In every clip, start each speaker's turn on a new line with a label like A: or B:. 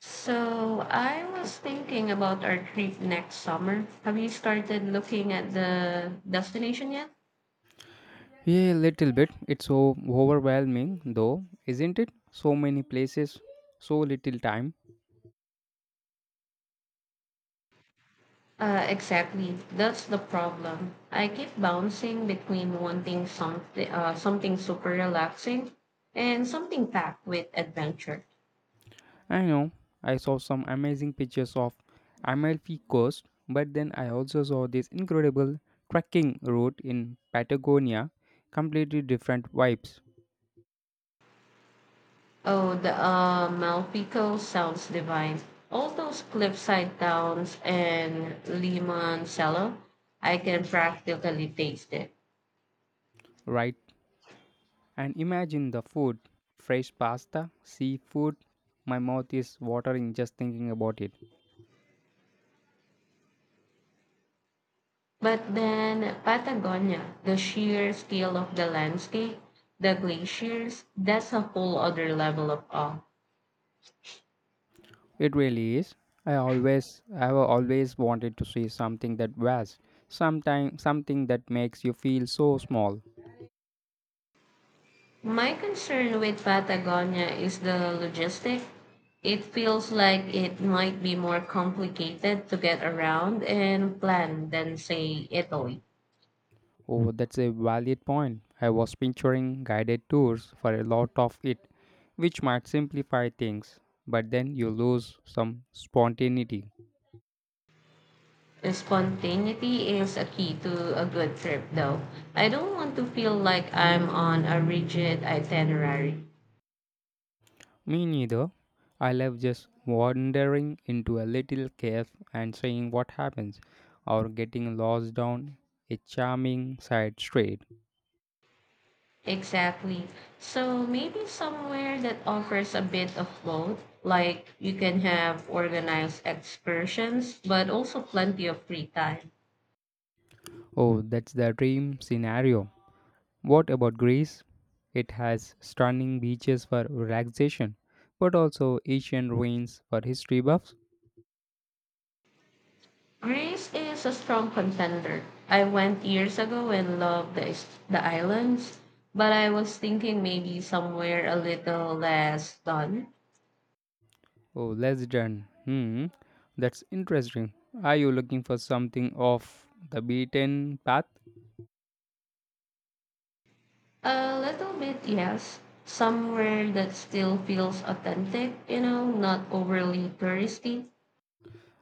A: So I was thinking about our trip next summer. Have you started looking at the destination yet?
B: Yeah, a little bit. It's so overwhelming, though, isn't it? So many places, so little time.
A: Exactly. That's the problem. I keep bouncing between wanting something, something super relaxing, and something packed with adventure.
B: I know. I saw some amazing pictures of Amalfi Coast, but then I also saw this incredible trekking route in Patagonia. Completely different vibes,
A: Oh, the Malpico sounds divine. All those cliffside towns and Limancelo, I can practically taste it.
B: right? And imagine the food fresh pasta, seafood. My mouth is watering just thinking about it.
A: But then Patagonia, the sheer scale of the landscape, the glaciers, that's a whole other level of awe.
B: It really is. I have always wanted to see something that vast, sometime something that makes you feel so small.
A: My concern with Patagonia is the logistic. It feels like it might be more complicated to get around and plan than, say, Italy.
B: Oh, that's a valid point. I was picturing guided tours for a lot of it, which might simplify things, but then you lose some spontaneity.
A: Spontaneity is a key to a good trip, though. I don't want to feel like I'm on a rigid itinerary.
B: Me neither. I love just wandering into a little cave and seeing what happens, or getting lost down a charming side street.
A: Exactly. So maybe somewhere that offers a bit of both, like you can have organized excursions, but also plenty of free time.
B: Oh, that's the dream scenario. What about Greece? It has stunning beaches for relaxation, but also ancient ruins for history buffs.
A: Greece is a strong contender. I went years ago and loved the islands, but I was thinking maybe somewhere a little less done.
B: Oh, let done. That's interesting. Are you looking for something off the beaten path?
A: A little bit, yes. Somewhere that still feels authentic, you know, not overly touristy.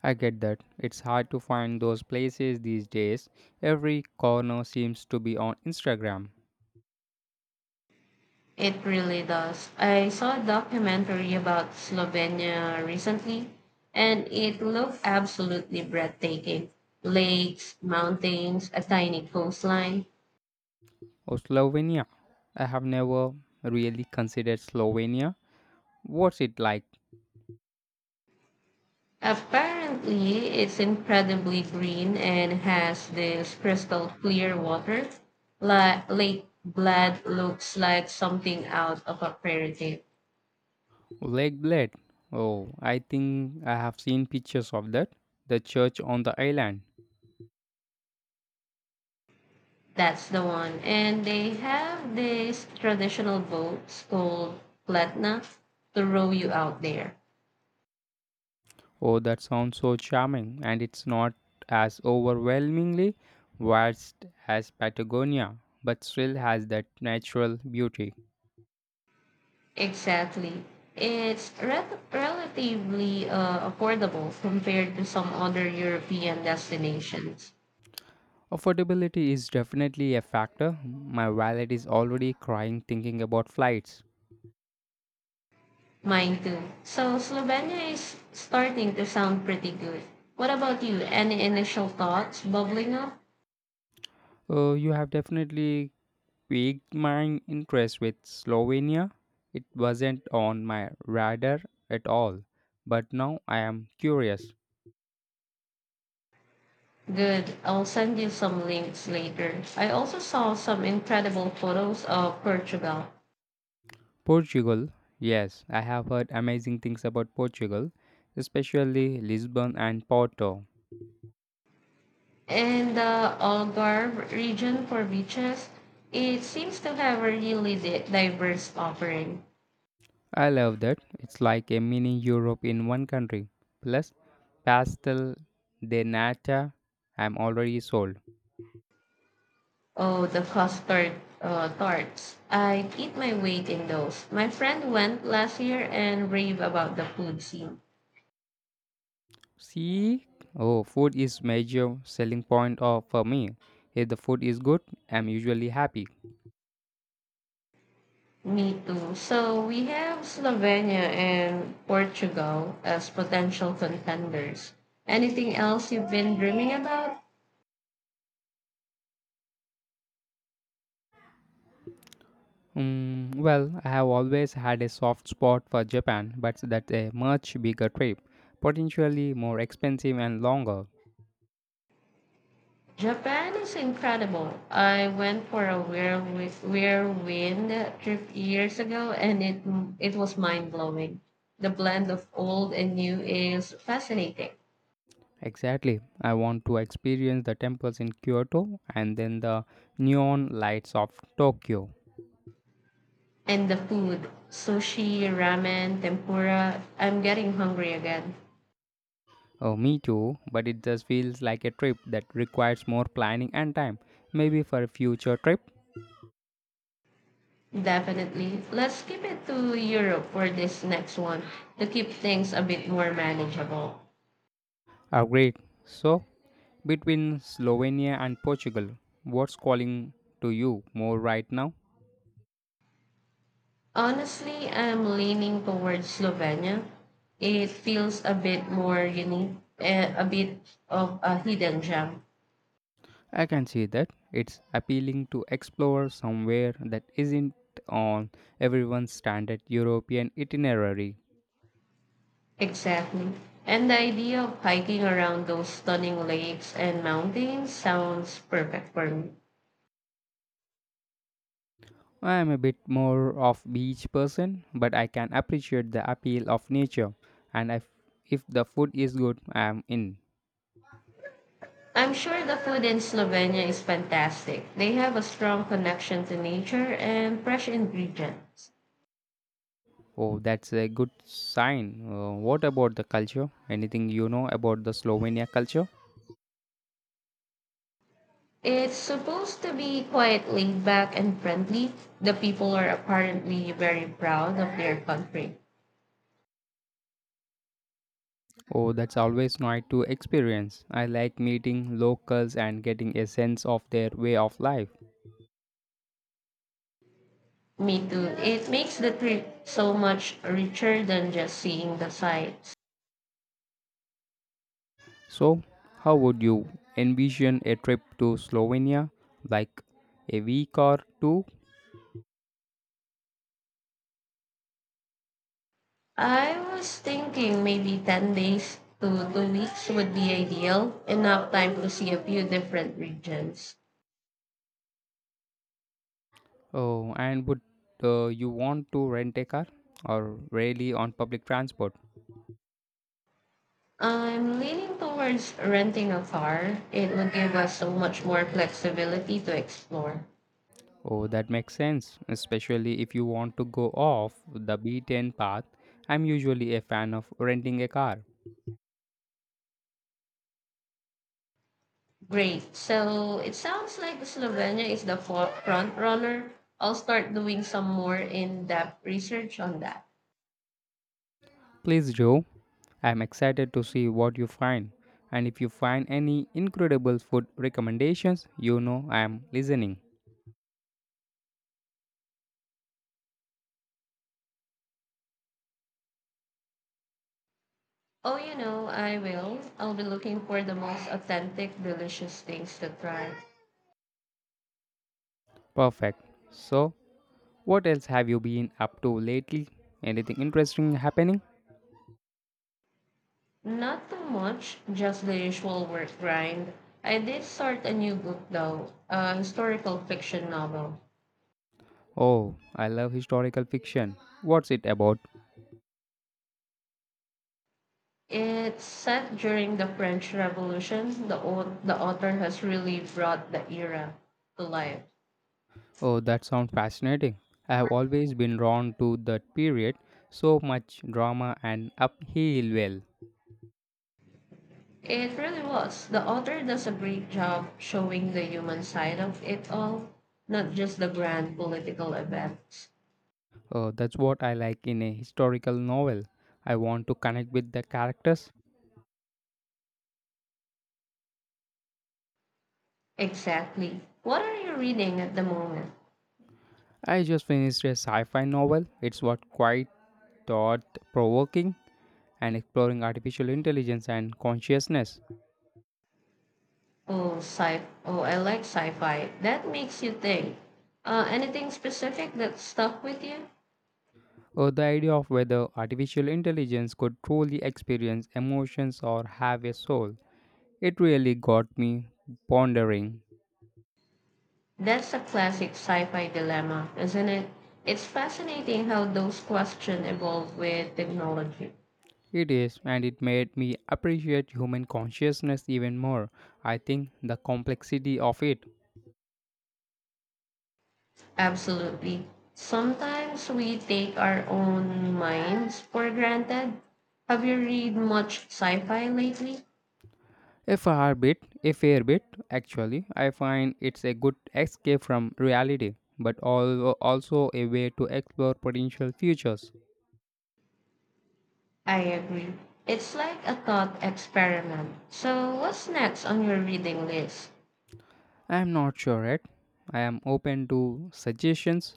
B: I get that. It's hard to find those places these days. Every corner seems to be on Instagram.
A: It really does. I saw a documentary about Slovenia recently, and it looked absolutely breathtaking. Lakes, mountains, a tiny coastline.
B: Oh, Slovenia. I have never really considered Slovenia. What's it like?
A: Apparently, it's incredibly green and has this crystal clear water. Lake Blad looks like something out of a fairy tale.
B: Lake Blade. Oh, I think I have seen pictures of that. The church on the island.
A: That's the one. And they have these traditional boats called platna to row you out there.
B: Oh, that sounds so charming, and it's not as overwhelmingly vast as Patagonia, but still has that natural beauty.
A: Exactly. It's relatively affordable compared to some other European destinations.
B: Affordability is definitely a factor. My wallet is already crying thinking about flights.
A: Mine too. So Slovenia is starting to sound pretty good. What about you? Any initial thoughts bubbling up?
B: You have definitely piqued my interest with Slovenia. It wasn't on my radar at all, but now I am curious.
A: Good. I'll send you some links later. I also saw some incredible photos of Portugal.
B: Portugal, yes, I have heard amazing things about Portugal, especially Lisbon and Porto.
A: And the Algarve region for beaches, it seems to have a really diverse offering.
B: I love that. It's like a mini Europe in one country. Plus, pastel de nata. I'm already sold.
A: Oh, the custard tarts. I'd eat my weight in those. My friend went last year and raved about the food scene.
B: See, oh, food is major selling point of for me. If the food is good, I'm usually happy.
A: Me too. So we have Slovenia and Portugal as potential contenders. Anything else you've been dreaming about?
B: Well, I have always had a soft spot for Japan, but that's a much bigger trip, potentially more expensive and longer.
A: Japan is incredible. I went for a whirlwind trip years ago and it was mind-blowing. The blend of old and new is fascinating.
B: Exactly. I want to experience the temples in Kyoto and then the neon lights of Tokyo.
A: And the food, sushi, ramen, tempura, I'm getting hungry again.
B: Oh, me too, but it just feels like a trip that requires more planning and time. Maybe for a future trip?
A: Definitely. Let's keep it to Europe for this next one to keep things a bit more manageable.
B: Oh, great. So, between Slovenia and Portugal, what's calling to you more right now?
A: Honestly, I'm leaning towards Slovenia. It feels a bit more unique, a bit of a hidden gem.
B: I can see that it's appealing to explore somewhere that isn't on everyone's standard European itinerary.
A: Exactly. And the idea of hiking around those stunning lakes and mountains sounds perfect for me.
B: I am a bit more of beach person, but I can appreciate the appeal of nature and if the food is good, I am in.
A: I'm sure the food in Slovenia is fantastic. They have a strong connection to nature and fresh ingredients.
B: Oh, that's a good sign. What about the culture? Anything you know about the Slovenia culture?
A: It's supposed to be quite laid back and friendly. The people are apparently very proud of their country.
B: Oh, that's always nice to experience. I like meeting locals and getting a sense of their way of life.
A: Me too. It makes the trip so much richer than just seeing the sights.
B: So, how would you envision a trip to Slovenia? Like a week or two?
A: I was thinking maybe 10 days to 2 weeks would be ideal, enough time to see a few different regions.
B: Oh, and would you want to rent a car or really on public transport?
A: I'm leaning towards renting a car. It would give us so much more flexibility to explore.
B: Oh, that makes sense, especially if you want to go off the beaten path. I'm usually a fan of renting a car.
A: Great. So it sounds like Slovenia is the front runner. I'll start doing some more in depth research on that.
B: Please do. I'm excited to see what you find. And if you find any incredible food recommendations, you know I am listening.
A: Oh, you know, I will. I'll be looking for the most authentic, delicious things to try.
B: Perfect. So, what else have you been up to lately? Anything interesting happening?
A: Not too much, just the usual work grind. I did start a new book though, a historical fiction novel.
B: Oh, I love historical fiction. What's it about?
A: It's set during the French Revolution. The author has really brought the era to life.
B: Oh, that sounds fascinating. I have always been drawn to that period. So much drama and upheaval. Well,
A: It really was. The author does a great job showing the human side of it all, not just the grand political events.
B: oh, that's what I like in a historical novel. I want to connect with the characters.
A: Exactly. What are you reading at the moment?
B: I just finished a sci-fi novel. It's what quite thought-provoking and exploring artificial intelligence and consciousness.
A: Oh, sci. Oh, I like sci-fi. That makes you think. Anything specific that stuck with you?
B: The idea of whether artificial intelligence could truly experience emotions or have a soul, it really got me pondering.
A: That's a classic sci-fi dilemma, isn't it? It's fascinating how those questions evolve with technology.
B: It is, and it made me appreciate human consciousness even more. I think the complexity of it.
A: Absolutely. Sometimes we take our own minds for granted. Have you read much sci-fi lately?
B: A fair bit, actually, I find it's a good escape from reality, but also a way to explore potential futures.
A: I agree. It's like a thought experiment. So, what's next on your reading list?
B: I am not sure yet. I am open to suggestions,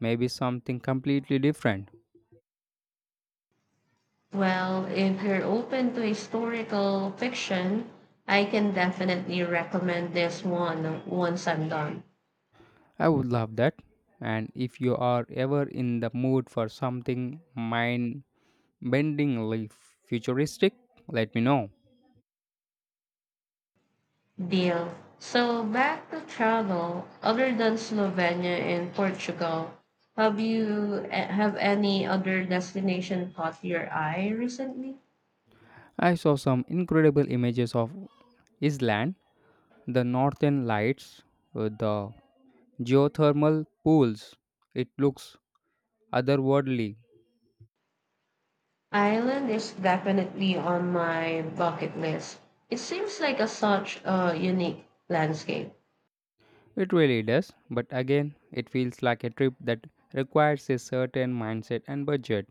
B: maybe something completely different.
A: Well, if you're open to historical fiction, I can definitely recommend this one once I'm done.
B: I would love that. And if you are ever in the mood for something mind bendingly futuristic, let me know.
A: Deal. So, back to travel, other than Slovenia and Portugal, have any other destination caught your eye recently?
B: I saw some incredible images of Iceland, the northern lights, the geothermal pools. It looks otherworldly.
A: Ireland is definitely on my bucket list. It seems like a such a unique landscape.
B: It really does, but again, it feels like a trip that requires a certain mindset and budget.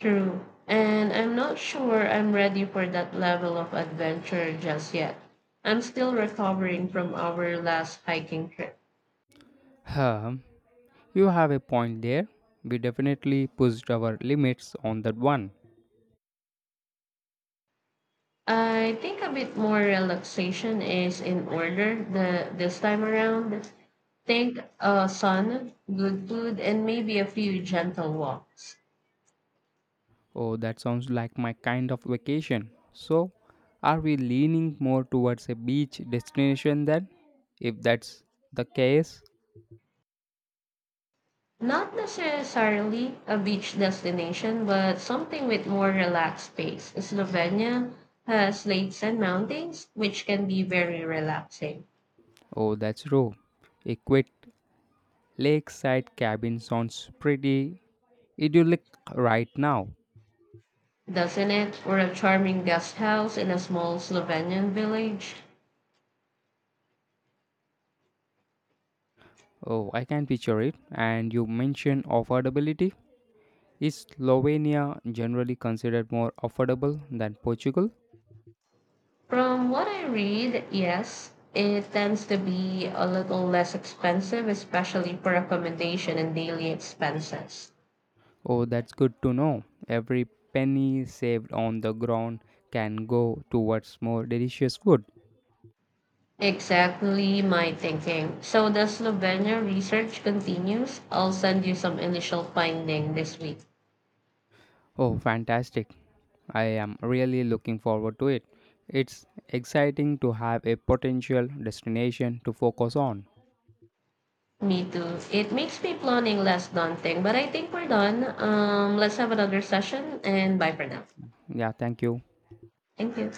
A: True. And I'm not sure I'm ready for that level of adventure just yet. I'm still recovering from our last hiking trip.
B: Um, you have a point there. We definitely pushed our limits on that one.
A: I think a bit more relaxation is in order the this time around. Think sun, good food, and maybe a few gentle walks.
B: Oh, that sounds like my kind of vacation. So, are we leaning more towards a beach destination then? If that's the case,
A: Not necessarily a beach destination, but something with more relaxed pace. Slovenia has lakes and mountains, which can be very relaxing,
B: oh, that's true. A quiet lakeside cabin sounds pretty idyllic right now.
A: doesn't it? Or a charming guest house in a small Slovenian village.
B: Oh, I can picture it. And you mentioned affordability. Is Slovenia generally considered more affordable than Portugal?
A: From what I read, yes, it tends to be a little less expensive, especially for accommodation and daily expenses.
B: Oh, that's good to know. Every penny saved on the ground can go towards more delicious food.
A: Exactly my thinking. So the Slovenia research continues. I'll send you some initial finding this week.
B: Oh, fantastic. I am really looking forward to it. It's exciting to have a potential destination to focus on.
A: Me too. It makes me planning less daunting, but I think we're done. Let's have another session and bye for now.
B: Yeah, thank you.
A: Thank you.